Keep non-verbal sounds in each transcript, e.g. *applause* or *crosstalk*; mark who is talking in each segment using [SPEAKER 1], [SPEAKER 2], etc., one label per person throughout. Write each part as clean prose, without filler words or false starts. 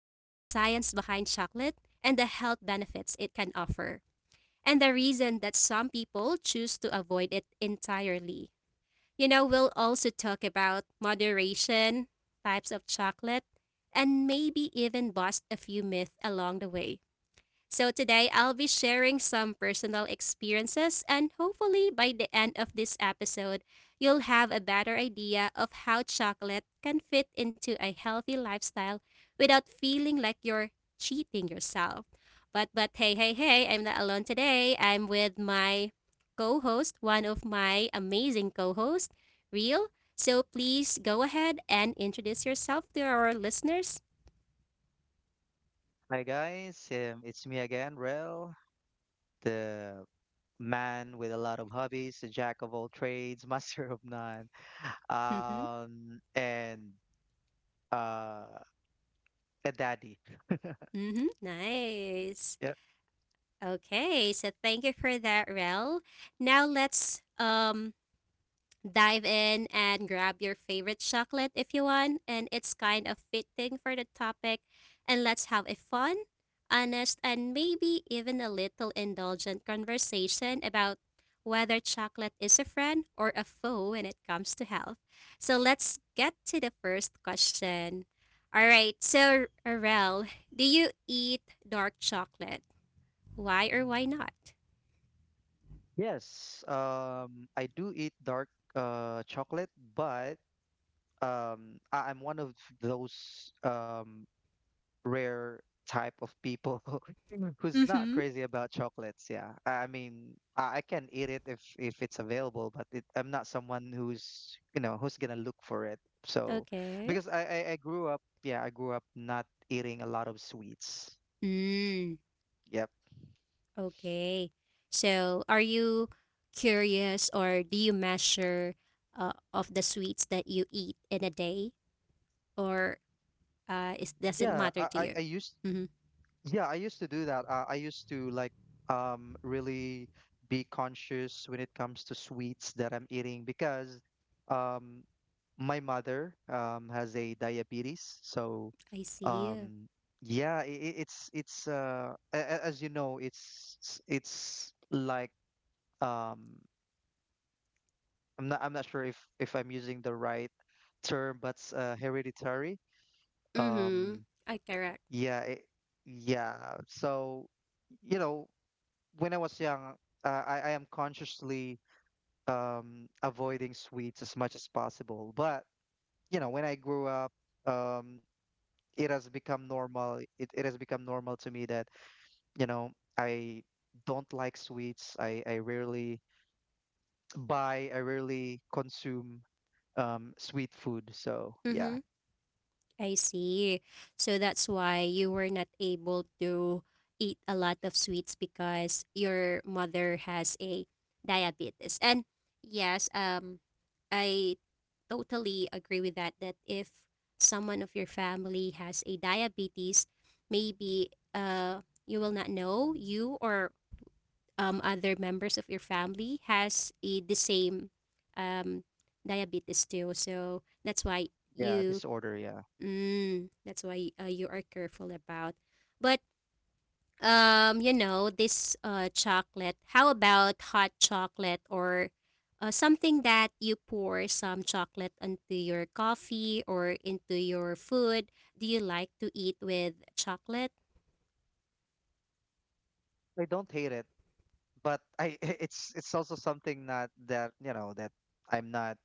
[SPEAKER 1] behind chocolate and the health benefits it can offer, and the reason that some people choose to avoid it entirely. You know, we'll also talk about moderation, types of chocolate, and maybe even bust a few myths along the way. So today I'll be sharing some personal experiences, and hopefully by the end of this episode, you'll have a better idea of how chocolate can fit into a healthy lifestyle without feeling like you're cheating yourself. But hey, I'm not alone today. I'm with my co-host, one of my amazing co-hosts, Real. So please go ahead and introduce yourself to our listeners.
[SPEAKER 2] Hi guys, it's me again, Rel, the man with a lot of hobbies, the jack of all trades, *laughs* master of none,
[SPEAKER 1] Mm-hmm.
[SPEAKER 2] and uh, a daddy.
[SPEAKER 1] Mm-hmm. Nice.
[SPEAKER 2] Yeah.
[SPEAKER 1] Okay, so thank you for that, Rel. Now let's dive in and grab your favorite chocolate if you want, and it's kind of fitting for the topic. And let's have a fun, honest, and maybe even a little indulgent conversation about whether chocolate is a friend or a foe when it comes to health. So let's get to the first question. All right, so Rel, do you eat dark chocolate? Why or why not?
[SPEAKER 2] Yes, I do eat dark chocolate, but I'm one of those. Rare type of people *laughs* who's not
[SPEAKER 1] Mhm.
[SPEAKER 2] crazy about chocolates. Yeah, I mean, I can eat it if it's available, but I'm not someone who's you know who's gonna look for it. So,
[SPEAKER 1] Okay.
[SPEAKER 2] because I grew up, yeah, I grew up not eating a lot of sweets.
[SPEAKER 1] Mm.
[SPEAKER 2] Yep.
[SPEAKER 1] Okay. So, are you curious, or do you measure of the sweets that you eat in a day, or it doesn't
[SPEAKER 2] Yeah,
[SPEAKER 1] matter to you?
[SPEAKER 2] I used
[SPEAKER 1] Mm-hmm.
[SPEAKER 2] yeah, I used to do that. I used to really be conscious when it comes to sweets that I'm eating because um my mother has a diabetes. So
[SPEAKER 1] I see.
[SPEAKER 2] um yeah, as you know, it's like um I'm not sure if I'm using the right term, but it's, hereditary.
[SPEAKER 1] Mm-hmm.
[SPEAKER 2] Um
[SPEAKER 1] I correct.
[SPEAKER 2] yeah, yeah. So you know when I was young, I am consciously avoiding sweets as much as possible. But, you know, when I grew up, um, it has become normal. It has become normal to me that, you know, I don't like sweets. I rarely buy, I rarely consume sweet food. So, yeah,
[SPEAKER 1] Mm-hmm. I see. So that's why you were not able to eat a lot of sweets, because your mother has a diabetes. And yes, I totally agree with that, that if someone of your family has a diabetes, maybe you will not know, you or other members of your family has a, the same um diabetes too. So that's why
[SPEAKER 2] yeah,
[SPEAKER 1] you…
[SPEAKER 2] disorder, yeah.
[SPEAKER 1] Mm, that's why you are careful about. But you know, this chocolate, how about hot chocolate, or something that you pour some chocolate into your coffee or into your food? Do you like to eat with chocolate?
[SPEAKER 2] I don't hate it, but I *laughs* it's also something not that, you know, that I'm not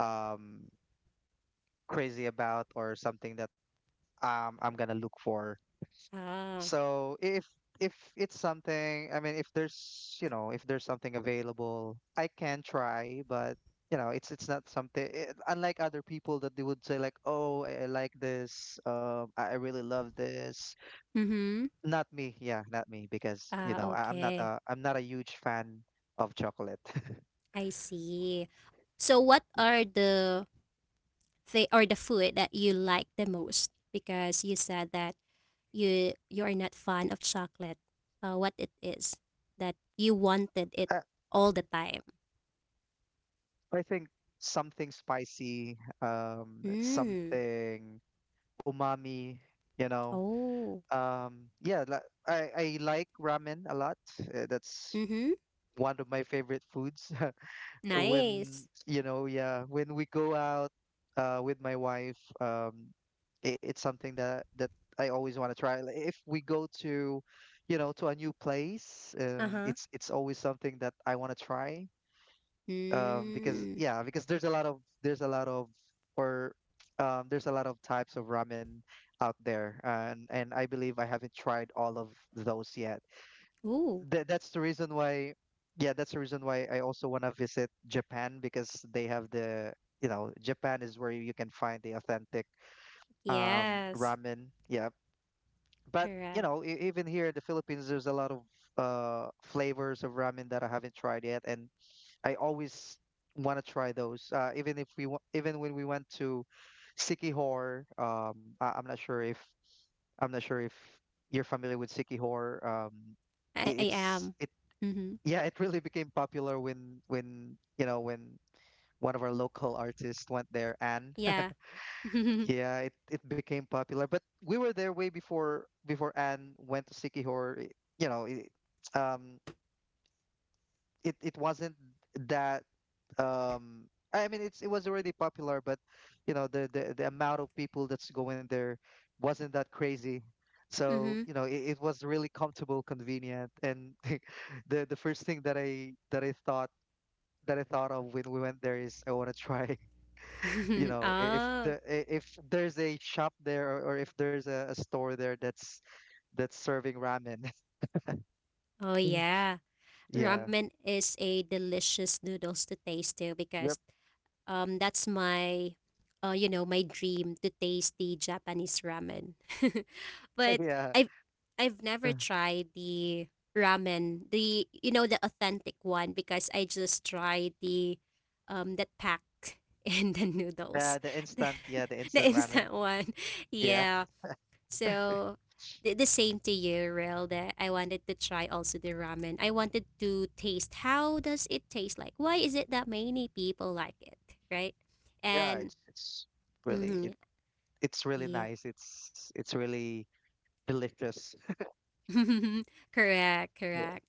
[SPEAKER 2] um crazy about or something that I'm gonna look for.
[SPEAKER 1] Ah.
[SPEAKER 2] So if it's something, I mean, if there's something available, I can try, but you know it's not unlike other people that they would say like, oh, I like this, I really love this.
[SPEAKER 1] Mm-hmm.
[SPEAKER 2] Not me, yeah, not me, because you
[SPEAKER 1] Ah,
[SPEAKER 2] know I'm not
[SPEAKER 1] okay.
[SPEAKER 2] a I'm not a huge fan of chocolate. *laughs*
[SPEAKER 1] I see. So what are the or the food that you like the most? Because you said that you are not fond of chocolate. What it is that you wanted it
[SPEAKER 2] I,
[SPEAKER 1] all the time.
[SPEAKER 2] I think something spicy,
[SPEAKER 1] Mm.
[SPEAKER 2] something umami, you know
[SPEAKER 1] Oh.
[SPEAKER 2] um yeah la- I like ramen a lot. That's
[SPEAKER 1] Mm-hmm.
[SPEAKER 2] one of my favorite foods. *laughs*
[SPEAKER 1] Nice.
[SPEAKER 2] When when we go out with my wife, it's something that I always want to try. Like, if we go to to a new place,
[SPEAKER 1] Uh-huh.
[SPEAKER 2] it's always something that I want to try. Because
[SPEAKER 1] Mm.
[SPEAKER 2] there's a lot of there's a lot of or there's a lot of types of ramen out there, and I believe I haven't tried all of those yet.
[SPEAKER 1] Ooh.
[SPEAKER 2] Th- that's the reason why, yeah, that's the reason why I also want to visit Japan because they have the you know Japan is where you can find the authentic
[SPEAKER 1] Yes.
[SPEAKER 2] ramen. Yeah, but you
[SPEAKER 1] Correct.
[SPEAKER 2] know even here in the Philippines, there's a lot of flavors of ramen that I haven't tried yet, and I always want to try those. Even if we wa- Even when we went to Sikihor, I'm not sure if you're familiar with Sikihor.
[SPEAKER 1] I
[SPEAKER 2] It, it's
[SPEAKER 1] am.
[SPEAKER 2] it
[SPEAKER 1] Mm-hmm.
[SPEAKER 2] yeah, It really *laughs* became popular when you know when one of our local artists went there, Anne. *laughs*
[SPEAKER 1] Yeah. *laughs* Mm-hmm.
[SPEAKER 2] Yeah, it became popular, but we were there way before Anne went to Sikihor. You know, um, it wasn't that. um it was already popular, but you know the amount of people that's going there wasn't that crazy, so you know it was really comfortable, convenient, and *laughs* the first thing that I thought of when we went there is I want to try. *laughs* You
[SPEAKER 1] *laughs*
[SPEAKER 2] know,
[SPEAKER 1] Oh.
[SPEAKER 2] if there's a shop there, or if there's a store there that's serving ramen.
[SPEAKER 1] Oh
[SPEAKER 2] *laughs*
[SPEAKER 1] yeah.
[SPEAKER 2] Yeah.
[SPEAKER 1] Ramen is a delicious noodles to taste too,
[SPEAKER 2] Yep.
[SPEAKER 1] because that's my, you know, my dream to taste the Japanese ramen. *laughs*
[SPEAKER 2] *laughs*
[SPEAKER 1] But
[SPEAKER 2] Yeah.
[SPEAKER 1] I've I've never
[SPEAKER 2] Uh,
[SPEAKER 1] tried the ramen, the you know the authentic one, because I just tried the that pack *laughs* and the noodles,
[SPEAKER 2] the the
[SPEAKER 1] *laughs* the,
[SPEAKER 2] instant yeah the instant ramen.
[SPEAKER 1] instant one.
[SPEAKER 2] Yeah.
[SPEAKER 1] Yeah, so the same to you, Rel, that I wanted to try also the ramen. I wanted to taste how does it taste like? Why is it that many people like it, right?
[SPEAKER 2] Yeah,
[SPEAKER 1] And
[SPEAKER 2] really
[SPEAKER 1] mhm,
[SPEAKER 2] it it's really
[SPEAKER 1] yeah.
[SPEAKER 2] nice. It's really delicious.
[SPEAKER 1] *laughs* Correct,
[SPEAKER 2] Yeah,
[SPEAKER 1] correct.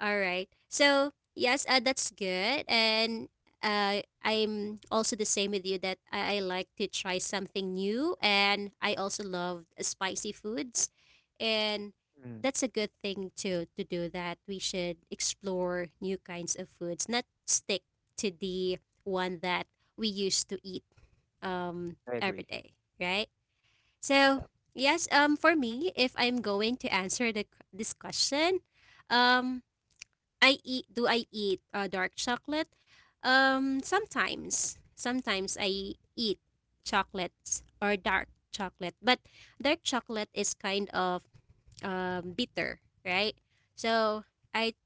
[SPEAKER 1] All right. So yes, that's good, and I'm also the same with you, that I like to try something new, and I also love spicy foods, and
[SPEAKER 2] mm,
[SPEAKER 1] that's a good thing to do. That we should explore new kinds of foods, not stick to the one that we used to eat
[SPEAKER 2] I
[SPEAKER 1] every
[SPEAKER 2] agree.
[SPEAKER 1] day, right? So
[SPEAKER 2] Yeah,
[SPEAKER 1] yes, for me, if I'm going to answer the this question, um. I eat, do I eat dark chocolate? Um, sometimes. Sometimes I eat chocolates or dark chocolate. But dark chocolate is kind of bitter, right? So I,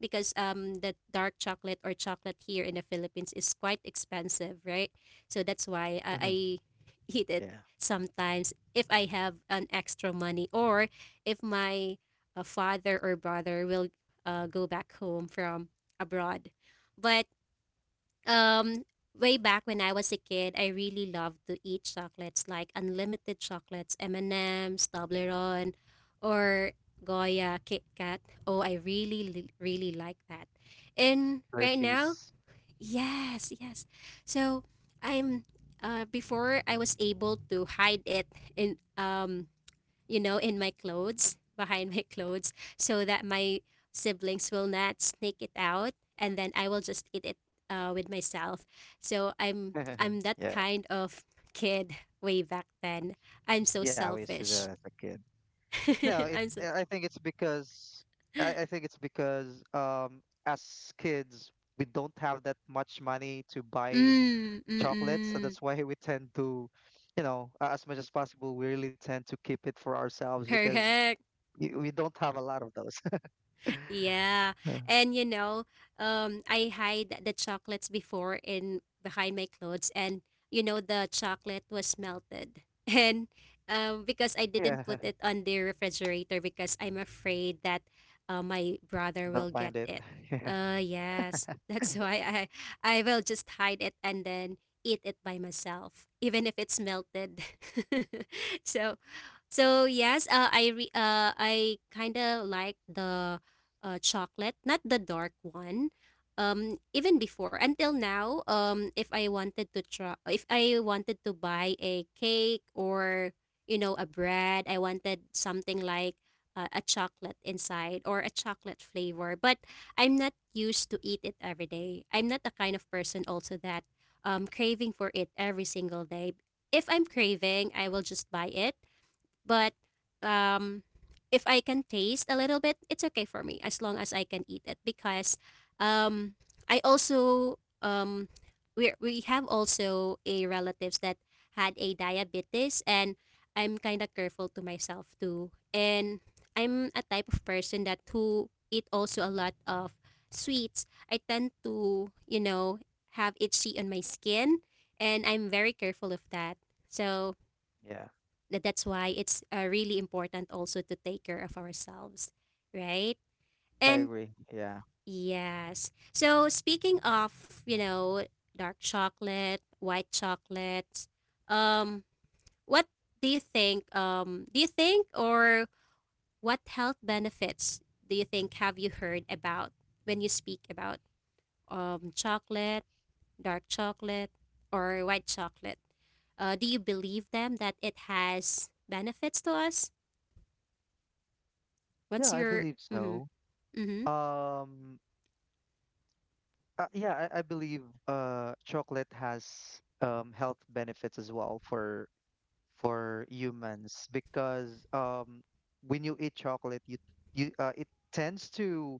[SPEAKER 1] because the dark chocolate or chocolate here in the Philippines is quite expensive, right? So that's why I
[SPEAKER 2] hmm,
[SPEAKER 1] *laughs* eat it
[SPEAKER 2] yeah,
[SPEAKER 1] sometimes, if I have an extra money, or if my father or brother will go back home from abroad. But um way back when I was a kid, I really loved to eat chocolates like unlimited chocolates, M&M's, Toblerone, or Goya, Kit Kat. Oh, I really like that. And right now,
[SPEAKER 2] Hershey's.
[SPEAKER 1] yes, yes. So I'm, before, I was able to hide it in, you know, in my clothes, behind my clothes, so that my siblings will not sneak it out, and then I will just eat it with myself. So I'm
[SPEAKER 2] *laughs*
[SPEAKER 1] I'm that
[SPEAKER 2] Yeah,
[SPEAKER 1] kind of kid way back then. I'm so
[SPEAKER 2] yeah, I used to do that
[SPEAKER 1] selfish.
[SPEAKER 2] as a kid. No,
[SPEAKER 1] *laughs*
[SPEAKER 2] it.
[SPEAKER 1] I'm so
[SPEAKER 2] I think it's because I think it's because as kids we don't have that much money to buy
[SPEAKER 1] mm mm
[SPEAKER 2] chocolates, so
[SPEAKER 1] mm.
[SPEAKER 2] that's why *laughs* we tend to, you know, as much as possible, we really tend to keep it for ourselves because
[SPEAKER 1] Correct.
[SPEAKER 2] we don't have a lot of those.
[SPEAKER 1] Yeah.
[SPEAKER 2] *laughs*
[SPEAKER 1] And you know, I hide the chocolates before in behind my clothes, and you know the chocolate was melted. *laughs* And because I
[SPEAKER 2] Yeah.
[SPEAKER 1] didn't
[SPEAKER 2] *laughs*
[SPEAKER 1] put it on the refrigerator, because I'm afraid that my brother
[SPEAKER 2] They'll
[SPEAKER 1] will get
[SPEAKER 2] find it. *laughs*
[SPEAKER 1] it.
[SPEAKER 2] Yeah.
[SPEAKER 1] Yes. *laughs* That's why I will just hide it and then eat it by myself even if it's melted. *laughs* So so yes, I kind of like the chocolate, not the dark one. Even before until now, if I wanted to try, if I wanted to buy a cake or you know a bread, I wanted something like a chocolate inside or a chocolate flavor. But I'm not used to eat it every day. I'm not the kind of person also that craving for it every single day. If I'm craving, I will just buy it, but um, if I can taste a little bit, it's okay for me as long as I can eat it, because um, I also we have also a relatives that had a diabetes, and I'm kind of careful to myself too. And I'm a type of person that who eat also a lot of sweets. I tend to, you know, have itchy on my skin, and I'm very careful of that. So
[SPEAKER 2] Yeah.
[SPEAKER 1] that's why it's really important also to take care of ourselves, right?
[SPEAKER 2] I
[SPEAKER 1] And
[SPEAKER 2] agree. Yeah,
[SPEAKER 1] yes. So speaking of, you know, dark chocolate, white chocolate, um what do you think, do you think, or what health benefits do you think, have you heard about when you speak about chocolate, dark chocolate, or white chocolate? Do you believe them that it has benefits to us?
[SPEAKER 2] yeah,
[SPEAKER 1] What's
[SPEAKER 2] I
[SPEAKER 1] your
[SPEAKER 2] believe so.
[SPEAKER 1] mhm, mhm,
[SPEAKER 2] Um, I believe chocolate has health benefits as well for humans because when you eat chocolate, you it tends to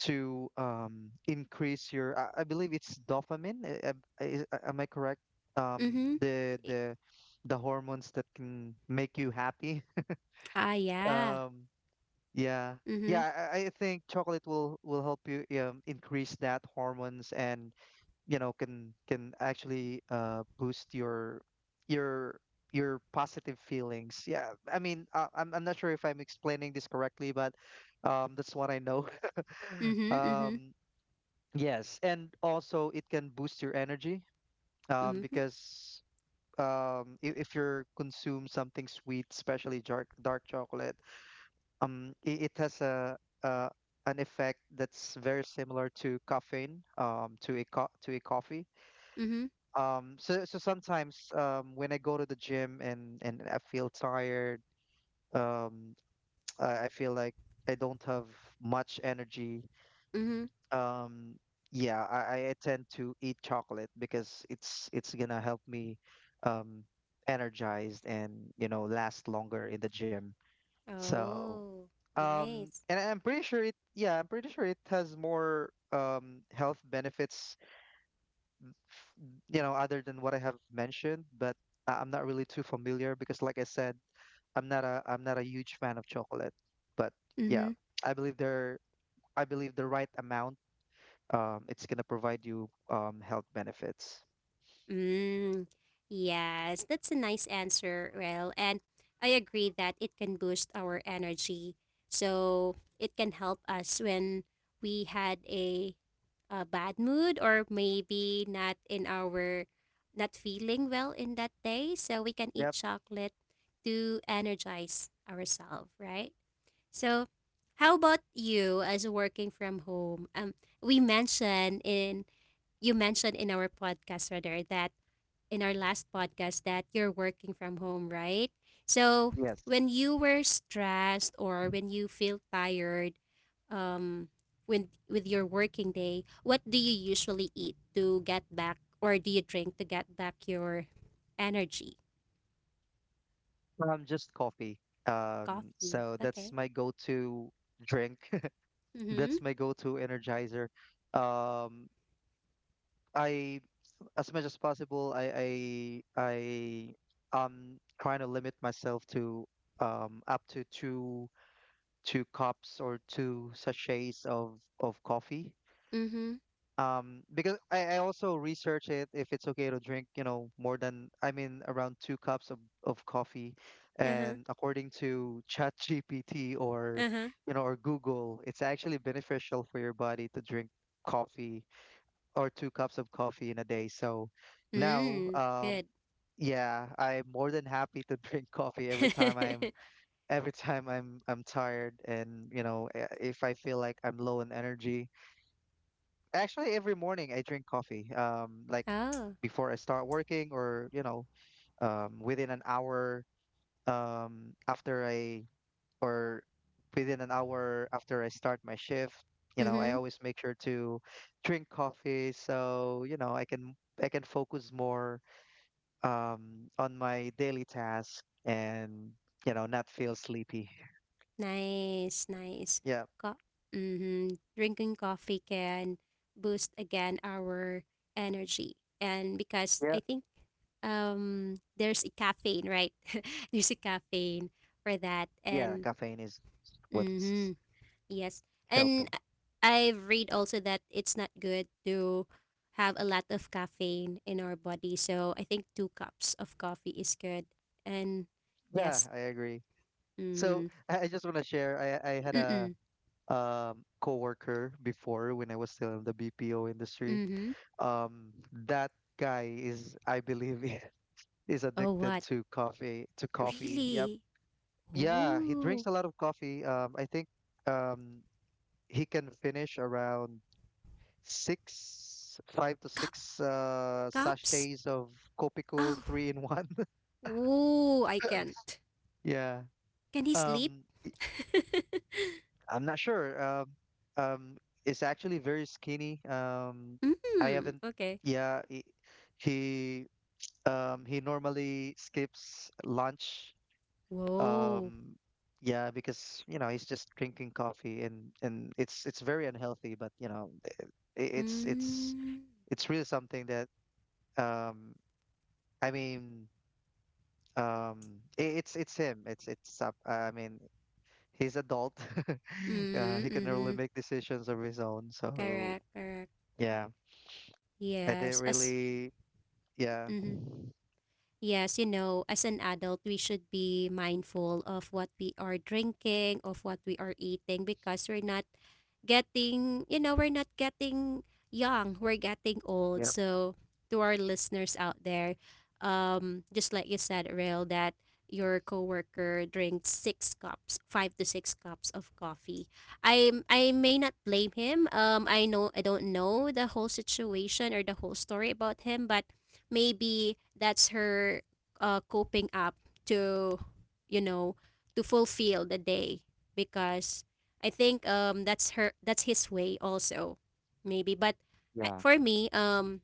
[SPEAKER 2] to um, increase your. I believe it's dopamine. Am I correct? Um,
[SPEAKER 1] mhm,
[SPEAKER 2] the
[SPEAKER 1] e
[SPEAKER 2] the the hormones that can make you happy.
[SPEAKER 1] ah,
[SPEAKER 2] *laughs*
[SPEAKER 1] yeah,
[SPEAKER 2] Um, Yeah.
[SPEAKER 1] mhm,
[SPEAKER 2] Yeah, I think chocolate will help you increase that hormones, and you know can actually boost your your positive feelings. Yeah, I mean, I'm not sure if I'm explaining this correctly, but that's what I know. *laughs*
[SPEAKER 1] mhm, mhm,
[SPEAKER 2] Um yes, and also it can boost your energy
[SPEAKER 1] mhm,
[SPEAKER 2] because if you're consume something sweet, especially dark chocolate. It has a an effect that's very similar to caffeine, to a coffee.
[SPEAKER 1] mhm,
[SPEAKER 2] So sometimes when I go to the gym, and I feel tired. um *tsk* I feel like I don't have much energy.
[SPEAKER 1] mhm.
[SPEAKER 2] um yeah I tend to eat chocolate because it's gonna help me um energized, and you know last longer in the gym, so
[SPEAKER 1] Oh, nice.
[SPEAKER 2] And I'm pretty sure it, yeah, I'm pretty sure it has more health benefits, f- you know, other than what I have mentioned, but I'm not really too familiar because like I said, I'm not a huge fan of chocolate. But yeah,
[SPEAKER 1] Mhm.
[SPEAKER 2] I believe there I believe the right amount, it's gonna provide you health benefits.
[SPEAKER 1] Mm, yes, that's a nice answer, Rel. And I agree that it can boost our energy. So it can help us when we had a bad mood, or maybe not in our, not feeling well in that day. So we can eat
[SPEAKER 2] Yep,
[SPEAKER 1] chocolate to energize ourselves, right? So how about you as working from home? We mentioned in, you mentioned in our podcast rather, that in our last podcast that you're working from home, right? So
[SPEAKER 2] yes.
[SPEAKER 1] when you were stressed or when you feel tired, um, with your working day, what do you usually eat to get back, or do you drink to get back your energy?
[SPEAKER 2] Just coffee.
[SPEAKER 1] Coffee.
[SPEAKER 2] So that's
[SPEAKER 1] Okay.
[SPEAKER 2] my go-to drink. *laughs*
[SPEAKER 1] Mhm.
[SPEAKER 2] That's my go-to energizer. Um, I As much as possible, I am trying to limit myself to up to two cups or two sachets of coffee.
[SPEAKER 1] Mhm.
[SPEAKER 2] Because I also research it if it's okay to drink, you know, more than I mean around two cups of coffee.
[SPEAKER 1] Uh huh.
[SPEAKER 2] And according to ChatGPT, or
[SPEAKER 1] Uh huh.
[SPEAKER 2] you know, or Google, it's actually beneficial for your body to drink coffee or two cups of coffee in a day. So now,
[SPEAKER 1] Mm. Good.
[SPEAKER 2] yeah, I'm more than happy to *laughs* drink coffee
[SPEAKER 1] *laughs*
[SPEAKER 2] every time I'm tired, and you know if I feel like I'm low in energy. Actually, every morning I drink coffee. Like
[SPEAKER 1] Oh.
[SPEAKER 2] before I start working, or you know, um, within an hour um after I or within an hour after I start my shift. You know, I
[SPEAKER 1] Mhm.
[SPEAKER 2] always make sure to drink coffee so, you know, I can focus more on my daily task, and, you know, not feel sleepy.
[SPEAKER 1] Nice, nice.
[SPEAKER 2] Yeah.
[SPEAKER 1] Co- mhm. Drinking coffee can boost again our energy. And because
[SPEAKER 2] Yeah.
[SPEAKER 1] I think there's a caffeine, right? *laughs* There's a caffeine for that.
[SPEAKER 2] Yeah,
[SPEAKER 1] And
[SPEAKER 2] caffeine is what's
[SPEAKER 1] mhm, yes. And
[SPEAKER 2] helping.
[SPEAKER 1] I've read also that it's not good to have a lot of caffeine in our body. So I think two cups of coffee is good. And
[SPEAKER 2] Yeah,
[SPEAKER 1] yes.
[SPEAKER 2] I agree. So,
[SPEAKER 1] Mm-hmm.
[SPEAKER 2] I just want to share. I had a
[SPEAKER 1] Mm-hmm.
[SPEAKER 2] coworker before when I was still in the BPO industry.
[SPEAKER 1] Mm-hmm.
[SPEAKER 2] Um, that guy is, I believe, *laughs* is
[SPEAKER 1] Oh,
[SPEAKER 2] addicted
[SPEAKER 1] what?
[SPEAKER 2] to coffee. To coffee. Yep.
[SPEAKER 1] Really?
[SPEAKER 2] Yeah, he drinks
[SPEAKER 1] Oh,
[SPEAKER 2] a lot of coffee. I think um, he can finish around five to
[SPEAKER 1] cup
[SPEAKER 2] six
[SPEAKER 1] cups?
[SPEAKER 2] sachets of Kopiko
[SPEAKER 1] Oh,
[SPEAKER 2] three in one. *laughs*
[SPEAKER 1] oh, I can't.
[SPEAKER 2] Yeah.
[SPEAKER 1] Can he sleep?
[SPEAKER 2] Um,
[SPEAKER 1] *laughs*
[SPEAKER 2] I'm not sure. Um, it's actually very skinny. I
[SPEAKER 1] Mm,
[SPEAKER 2] haven't.
[SPEAKER 1] okay.
[SPEAKER 2] Yeah, he, he normally skips lunch.
[SPEAKER 1] Whoa.
[SPEAKER 2] Um, yeah, because you know he's just drinking coffee, and it's very unhealthy, but you know it's it's
[SPEAKER 1] Mm,
[SPEAKER 2] it's really something that um I mean it's him. It's up. I mean he's adult. *laughs*
[SPEAKER 1] mm,
[SPEAKER 2] Yeah, he can really
[SPEAKER 1] mm-hmm.
[SPEAKER 2] make decisions of his own. So
[SPEAKER 1] Correct, correct.
[SPEAKER 2] yeah, I didn't
[SPEAKER 1] Yes, as,
[SPEAKER 2] really. Yeah.
[SPEAKER 1] mm-hmm. Yes, you know, as an adult, we should be mindful of what we are drinking, of what we are eating, because we're not getting, you know, we're not getting young, we're getting old.
[SPEAKER 2] Yeah.
[SPEAKER 1] So, to our listeners out there, just like you said, Rail, that your coworker drinks six cups, five to six cups of coffee. I may not blame him. I know I don't know the whole situation or the whole story about him, but maybe that's her coping up to you know to fulfill the day because I think that's his way also maybe. But I-
[SPEAKER 2] Yeah.
[SPEAKER 1] for me um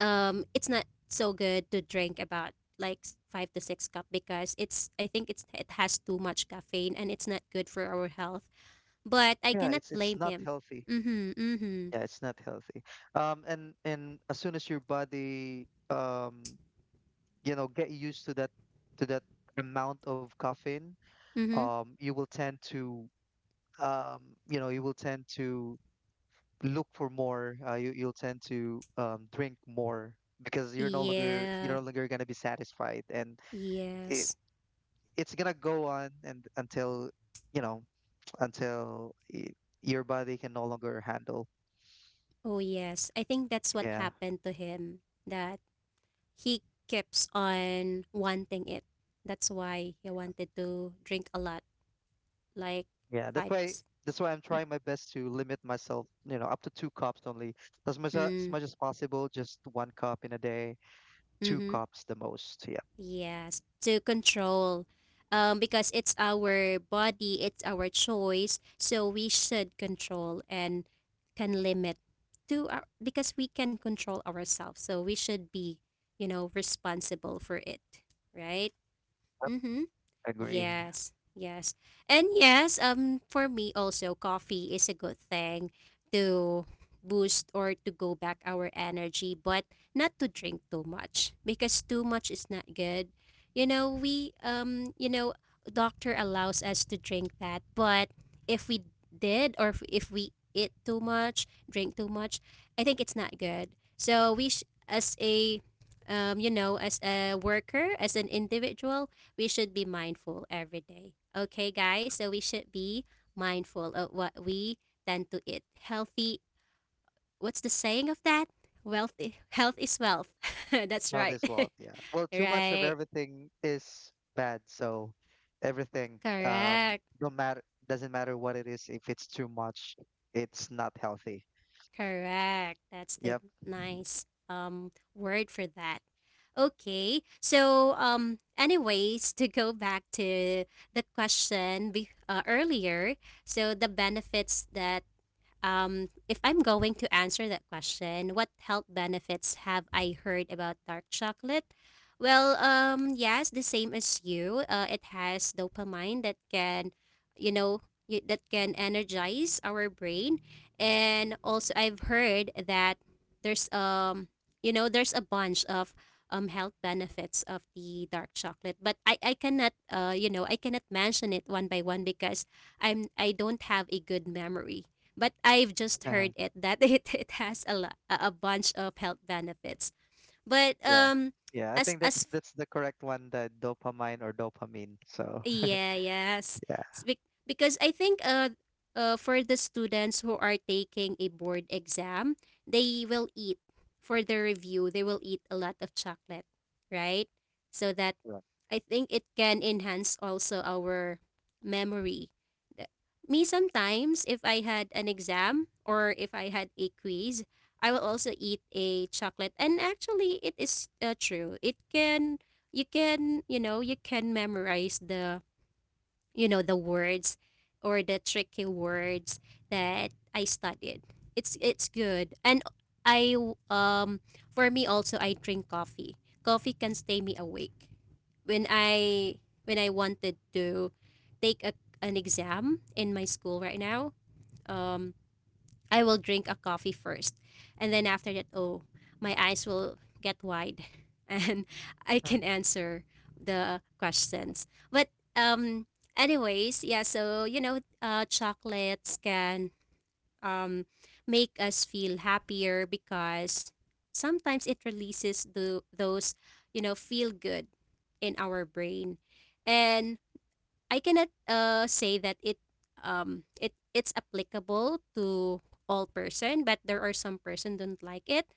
[SPEAKER 1] um it's not so good to drink about like 5 to 6 cup because it's I think it's it has too much caffeine and it's not good for our health, but I
[SPEAKER 2] Yeah,
[SPEAKER 1] cannot
[SPEAKER 2] it's
[SPEAKER 1] blame
[SPEAKER 2] not
[SPEAKER 1] him.
[SPEAKER 2] healthy.
[SPEAKER 1] Mhm. Mhm.
[SPEAKER 2] Yeah, it's not healthy. And as soon as your body you know get used to that amount of caffeine.
[SPEAKER 1] Mhm.
[SPEAKER 2] You will tend to um you know you will tend to look for more. You'll tend to drink more because you're no
[SPEAKER 1] Yeah.
[SPEAKER 2] longer going to be satisfied, and it,
[SPEAKER 1] Yes.
[SPEAKER 2] it's going to go on and until you know until y- your body can no longer handle.
[SPEAKER 1] Oh, yes. I think that's what
[SPEAKER 2] Yeah.
[SPEAKER 1] happened to him, that he keeps on wanting it. That's why he wanted to drink a lot, like
[SPEAKER 2] Yeah, that's
[SPEAKER 1] five.
[SPEAKER 2] why that's why I'm trying my best to limit myself, you know, up to two cups only. As
[SPEAKER 1] Mm,
[SPEAKER 2] much as possible, just one cup in a day, two
[SPEAKER 1] mm-hmm.
[SPEAKER 2] cups the most. Yeah.
[SPEAKER 1] Yes, to control. Because it's our body, it's our choice, so we should control and can limit to our, because we can control ourselves, so we should be, you know, responsible for it, right?
[SPEAKER 2] Yep.
[SPEAKER 1] Mm-hmm.
[SPEAKER 2] Agree.
[SPEAKER 1] Yes, yes. And yes, for me also coffee is a good thing to boost or to go back our energy, but not to drink too much because too much is not good. You know, we doctor allows us to drink that, but if we did, or if we eat too much, drink too much, I think it's not good. So as a as a worker, as an individual, we should be mindful every day. Okay, guys? So we should be mindful of what we tend to eat. Healthy, what's the saying of that? Wealthy, health is wealth. *laughs* That's
[SPEAKER 2] Well,
[SPEAKER 1] right.
[SPEAKER 2] this world,
[SPEAKER 1] *laughs*
[SPEAKER 2] yeah. Well, too much of
[SPEAKER 1] Right.
[SPEAKER 2] everything is bad, so everything
[SPEAKER 1] Correct.
[SPEAKER 2] don't matter doesn't matter what it is. If it's too much, it's not healthy.
[SPEAKER 1] Correct. That's the
[SPEAKER 2] Yep.
[SPEAKER 1] nice word for that. Okay. So anyways, to go back to the question earlier, so the benefits that if I'm going to answer that question, what health benefits have I heard about dark chocolate? Well, yes, the same as you. It has dopamine that can, you know, that can energize our brain, and also I've heard that there's you know, there's a bunch of health benefits of the dark chocolate, but I cannot you know I cannot mention it one by one because I don't have a good memory, but I've just heard it
[SPEAKER 2] *laughs*
[SPEAKER 1] that *laughs* it has a lot, a bunch of health benefits. But
[SPEAKER 2] Yeah. Yeah, I think that's
[SPEAKER 1] as
[SPEAKER 2] that's the correct one, the dopamine or dopamine. So,
[SPEAKER 1] yeah yes,
[SPEAKER 2] *laughs* yeah.
[SPEAKER 1] Because I think for the students who are taking a board exam, they will eat for the review. They will eat a lot of chocolate, right? So that
[SPEAKER 2] Right.
[SPEAKER 1] I think it can enhance also our memory. Th- Me sometimes, if I had an exam or if I had a quiz, I will also eat a chocolate. And actually, it is true. It can, you know, you can memorize the the words or the tricky words that I studied. It's good. And I um for me also I drink coffee. Coffee can stay me awake. When I when I wanted to take an exam in my school right now, um I will drink a coffee first. And then after that, oh, my eyes will get wide *laughs* and I can answer the questions. But um anyways, yeah, so you know, chocolates can um make us feel happier because sometimes it releases the those, you know, feel good in our brain. And I cannot say that it it's applicable to all person, but there are some person don't like it,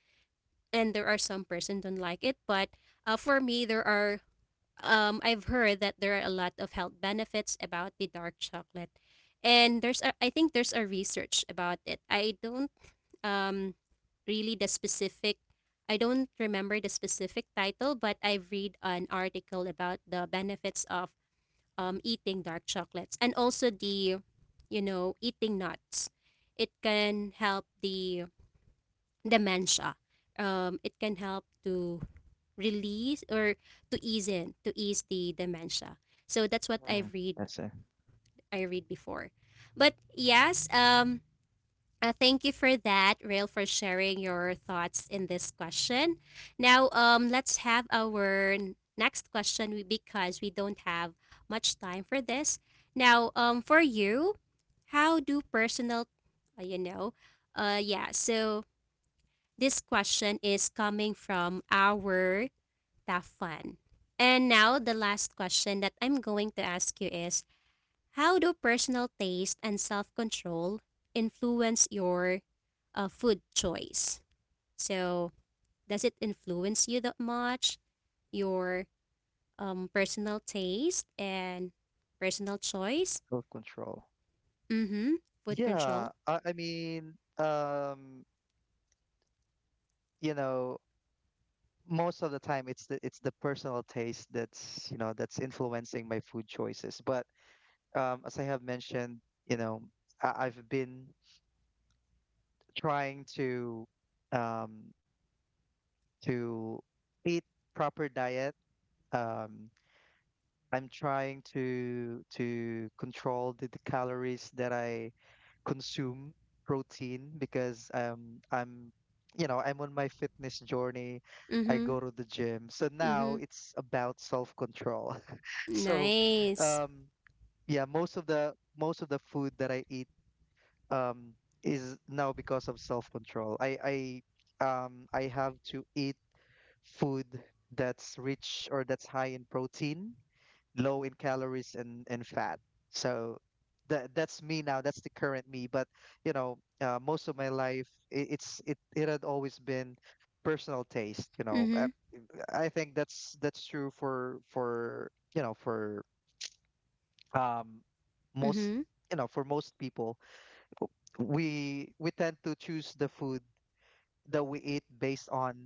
[SPEAKER 1] and there are some person don't like it. But for me, there are I've heard that there are a lot of health benefits about the dark chocolate, and there's a, I think there's a research about it. I don't um really the specific, I don't remember the specific title, but I've read an article about the benefits of eating dark chocolates and also the eating nuts. It can help the dementia. It can help to release or to ease the dementia. So that's what I
[SPEAKER 2] Mm,
[SPEAKER 1] read.
[SPEAKER 2] that's it.
[SPEAKER 1] I read before. But yes, thank you for that, Rail, for sharing your thoughts in this question. Now, let's have our next question because we don't have much time for this. Now, for you, how do personal, uh, you know, yeah, so this question is coming from our Tafan. And now, the last question that I'm going to ask you is, how do personal taste and self control influence your food choice? So, does it influence you that much, your personal taste and personal choice?
[SPEAKER 2] Self-control.
[SPEAKER 1] Mm hmm. Food
[SPEAKER 2] Yeah,
[SPEAKER 1] control.
[SPEAKER 2] I, I mean, um, you know, most of the time it's the personal taste that's, you know, that's influencing my food choices. But as I have mentioned, you know, I've been trying to um, to eat proper diet. Um, I'm trying to control the calories that I consume protein because I'm you know I'm on my fitness journey.
[SPEAKER 1] Mm
[SPEAKER 2] I
[SPEAKER 1] hmm.
[SPEAKER 2] go to the gym. So
[SPEAKER 1] Mm hmm.
[SPEAKER 2] now it's about self-control. *laughs* So
[SPEAKER 1] Nice.
[SPEAKER 2] um yeah, most of the food that I eat um is now because of self-control. I I have to eat food that's rich or that's high in protein, low in calories and, fat. So that's me now. That's the current me. But you know, most of my life, it, it's it it had always been personal taste. You know,
[SPEAKER 1] Mm
[SPEAKER 2] I think that's true for you know for um
[SPEAKER 1] hmm.
[SPEAKER 2] most
[SPEAKER 1] Mm
[SPEAKER 2] you know for most people. We tend to choose the food that we eat based on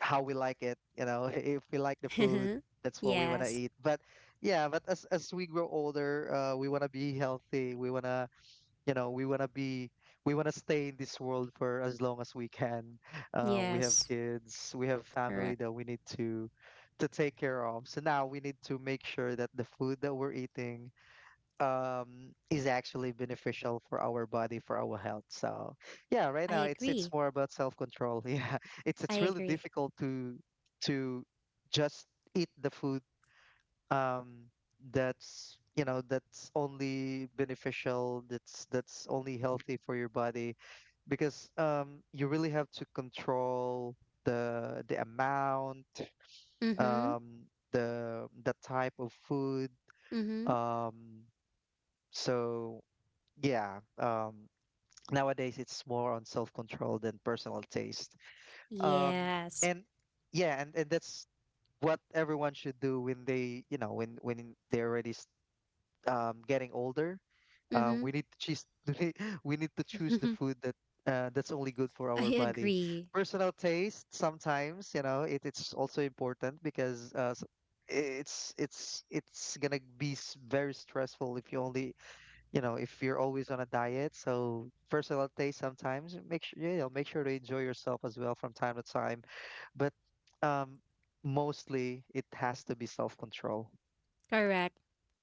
[SPEAKER 2] how we like it, you know. *laughs* If we like the food,
[SPEAKER 1] hmm. *laughs*
[SPEAKER 2] that's what we want to
[SPEAKER 1] Yes.
[SPEAKER 2] eat. But yeah, but as we grow older, we want to be healthy, we want to, you know, we want to be, we want to stay in this world for as long as we can. Uh, we have
[SPEAKER 1] Yes.
[SPEAKER 2] kids, we have family
[SPEAKER 1] Correct.
[SPEAKER 2] that we need to take care of. So now we need to make sure that the food that we're eating is actually beneficial for our body, for our health. So yeah, right
[SPEAKER 1] I
[SPEAKER 2] now it's
[SPEAKER 1] agree.
[SPEAKER 2] more about self-control. *laughs* Yeah, it's
[SPEAKER 1] I
[SPEAKER 2] it's really
[SPEAKER 1] agree.
[SPEAKER 2] difficult to to just eat the food um that's, you know, that's only beneficial, that's only healthy for your body, because you really have to control the amount,
[SPEAKER 1] Mm hmm.
[SPEAKER 2] um the type of food,
[SPEAKER 1] Mm hmm.
[SPEAKER 2] um so yeah. Nowadays, it's more on self-control than personal taste. Um,
[SPEAKER 1] Yes.
[SPEAKER 2] and yeah, and that's what everyone should do when they, you know, when they're already getting older.
[SPEAKER 1] Mm
[SPEAKER 2] We need to choose *laughs* we need to choose the
[SPEAKER 1] hmm.
[SPEAKER 2] food that that's only good
[SPEAKER 1] *laughs*
[SPEAKER 2] for
[SPEAKER 1] I
[SPEAKER 2] our body.
[SPEAKER 1] agree.
[SPEAKER 2] Personal taste, sometimes, you know, it's also important because it's gonna be very stressful if you only, you know, if you're always on a diet, so personal taste sometimes make sure, you know, make sure to enjoy yourself as well from time to time. But um, mostly it has to be self-control.
[SPEAKER 1] Correct.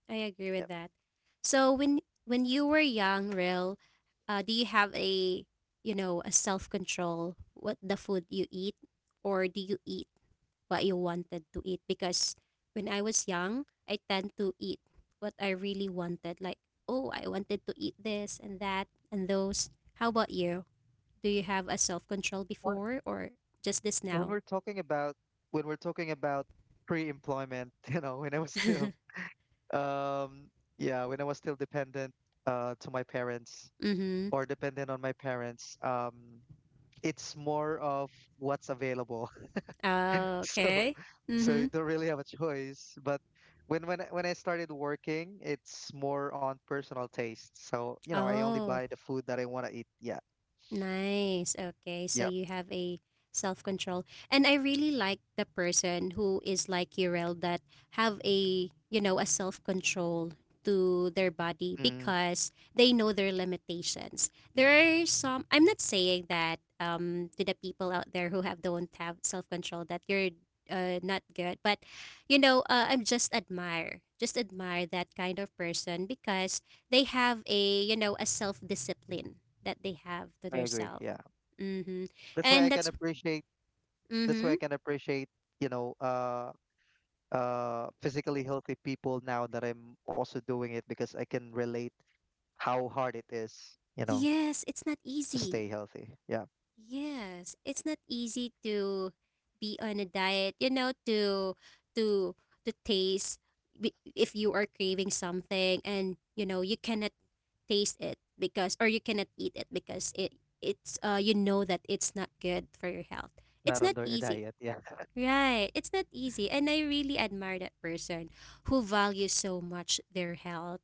[SPEAKER 1] I agree
[SPEAKER 2] Yeah.
[SPEAKER 1] with that. So when you were young, Ril, do you have a a self control what the food you eat, or do you eat what you wanted to eat? Because when I was young, I tend to eat what I really wanted. Like, oh, I wanted to eat this and that and those. How about you? Do you have a self control
[SPEAKER 2] When
[SPEAKER 1] before or just this
[SPEAKER 2] when
[SPEAKER 1] now?
[SPEAKER 2] we're talking about when we're talking about pre-employment, *laughs* you know, when I was still
[SPEAKER 1] *laughs*
[SPEAKER 2] um yeah, when I was still dependent to my parents
[SPEAKER 1] Mm-hmm.
[SPEAKER 2] or dependent on my parents, it's more of what's available.
[SPEAKER 1] Oh,
[SPEAKER 2] *laughs* So
[SPEAKER 1] okay. Mm-hmm.
[SPEAKER 2] you don't really have a choice. But When I started working, it's more on personal taste, so you know, I only
[SPEAKER 1] Oh.
[SPEAKER 2] buy the food that I want to eat. Yeah,
[SPEAKER 1] Nice. Okay. So
[SPEAKER 2] yeah.
[SPEAKER 1] you have a self control. And I really like the person who is like Urel, that have a, you know, a self control to their body
[SPEAKER 2] Mm,
[SPEAKER 1] because they know their limitations. There are some, I'm not saying that to the people out there who have don't have self control that you're not good, but you know, I'm just admire that kind of person because they have a you know a self discipline that they have to
[SPEAKER 2] I agree.
[SPEAKER 1] themselves.
[SPEAKER 2] Yeah,
[SPEAKER 1] Mm-hmm.
[SPEAKER 2] that's why I
[SPEAKER 1] And
[SPEAKER 2] can
[SPEAKER 1] that's
[SPEAKER 2] appreciate, that's why
[SPEAKER 1] mm-hmm.
[SPEAKER 2] I can appreciate you know, physically healthy people now that I'm also doing it, because I can relate how hard it is, you know,
[SPEAKER 1] Yes, it's not
[SPEAKER 2] to
[SPEAKER 1] easy.
[SPEAKER 2] stay healthy. Yeah,
[SPEAKER 1] Yes, it's not easy to be on a diet. You know, to to taste, if you are craving something and you know you cannot taste it because, or you cannot eat it because it's you know, that it's not good for your health. It's
[SPEAKER 2] not
[SPEAKER 1] not
[SPEAKER 2] on your
[SPEAKER 1] easy.
[SPEAKER 2] diet. Yeah.
[SPEAKER 1] Right. It's not easy. And I really admire that person who values so much their health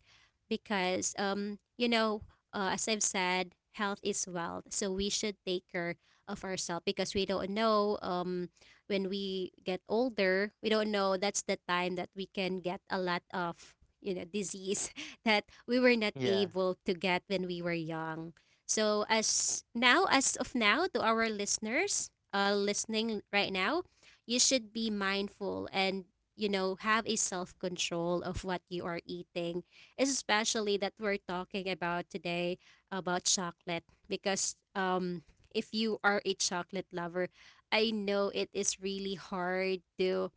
[SPEAKER 1] because, you know, as I've said, health is wealth. So we should take care of ourselves because we don't know when we get older, we don't know that's the time that we can get a lot of, you know, disease *laughs* that we were not
[SPEAKER 2] *laughs* Yeah.
[SPEAKER 1] able to get when we were young. So as now, as of now, to our listeners, listening right now, you should be mindful and have a self control of what you are eating, especially that we're talking about today about chocolate, because if you are a chocolate lover, I know it is really hard to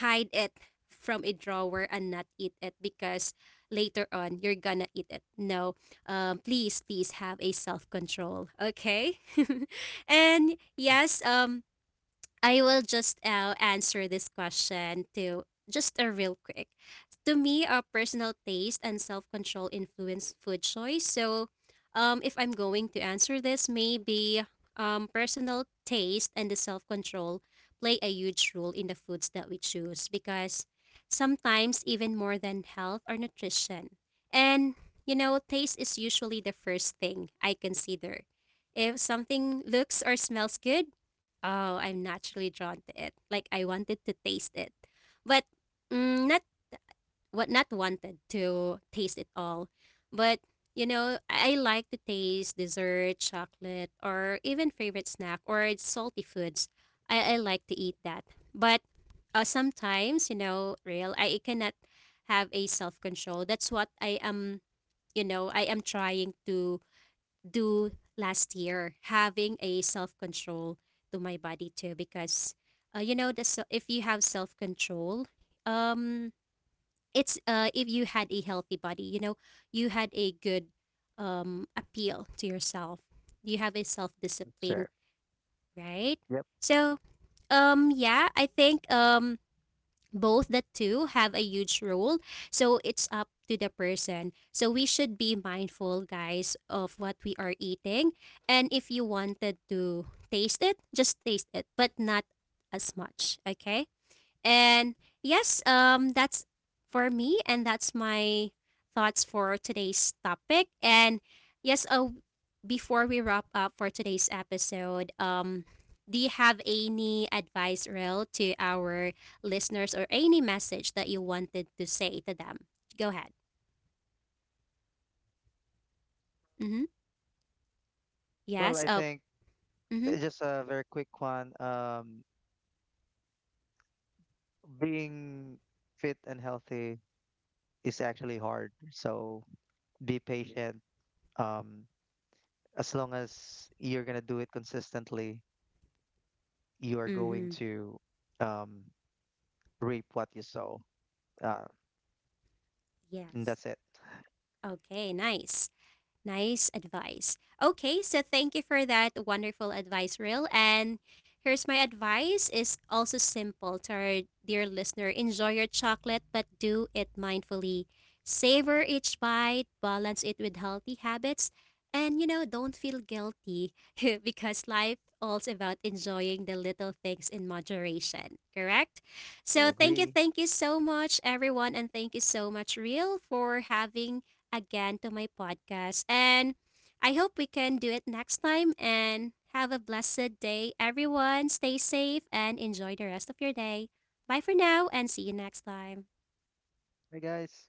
[SPEAKER 1] hide it from a drawer and not eat it because later on you're gonna eat it. No, please, please have a self control, okay? *laughs* And yes, I will just answer this question to just a real quick. To me, personal taste and self control influence food choice. So, if I'm going to answer this, maybe personal taste and the self control play a huge role in the foods that we choose, because sometimes even more than health or nutrition. And you know, taste is usually the first thing I consider. If something looks or smells good, oh, I'm naturally drawn to it. Like I wanted to taste it, but mm, not what not wanted to taste it all. But you know, I like to taste dessert, chocolate, or even favorite snack or it's salty foods. I like to eat that, but sometimes you know, real, I cannot have a self control. That's what I am. You know, I am trying to do last year, having a self control to my body too, because you know, if you have self control, um, it's if you had a healthy body, you know, you had a good appeal to yourself. You have a self discipline,
[SPEAKER 2] Sure.
[SPEAKER 1] right?
[SPEAKER 2] Yep.
[SPEAKER 1] So yeah, I think both the two have a huge role, so it's up to the person. So we should be mindful, guys, of what we are eating, and if you wanted to taste it, just taste it but not as much, okay? And yes, that's for me, and that's my thoughts for today's topic. And yes, before we wrap up for today's episode, do you have any advice, Rel, to our listeners or any message that you wanted to say to them? Go ahead. Mm-hmm.
[SPEAKER 2] Well,
[SPEAKER 1] Yes.
[SPEAKER 2] I
[SPEAKER 1] Oh.
[SPEAKER 2] think,
[SPEAKER 1] Mm-hmm.
[SPEAKER 2] uh, just a very quick one. Being fit and healthy is actually hard. So be patient. Um, as long as you're gonna do it consistently, you are
[SPEAKER 1] Mm-hmm.
[SPEAKER 2] going to, um, reap what you sow. Uh, and
[SPEAKER 1] Yes.
[SPEAKER 2] that's it.
[SPEAKER 1] Okay. Nice. Nice advice. Okay, so thank you for that wonderful advice, Real. And here's my advice is also simple to our dear listener. Enjoy your chocolate, but do it mindfully. Savor each bite, balance it with healthy habits, and you know, don't feel guilty *laughs* because life all's about enjoying the little things in moderation, correct?
[SPEAKER 2] I
[SPEAKER 1] So
[SPEAKER 2] agree.
[SPEAKER 1] thank you so much, everyone, and thank you so much, Real, for having again to my podcast. And I hope we can do it next time. And have a blessed day, everyone. Stay safe and enjoy the rest of your day. Bye for now and see you next time.
[SPEAKER 2] Bye, guys.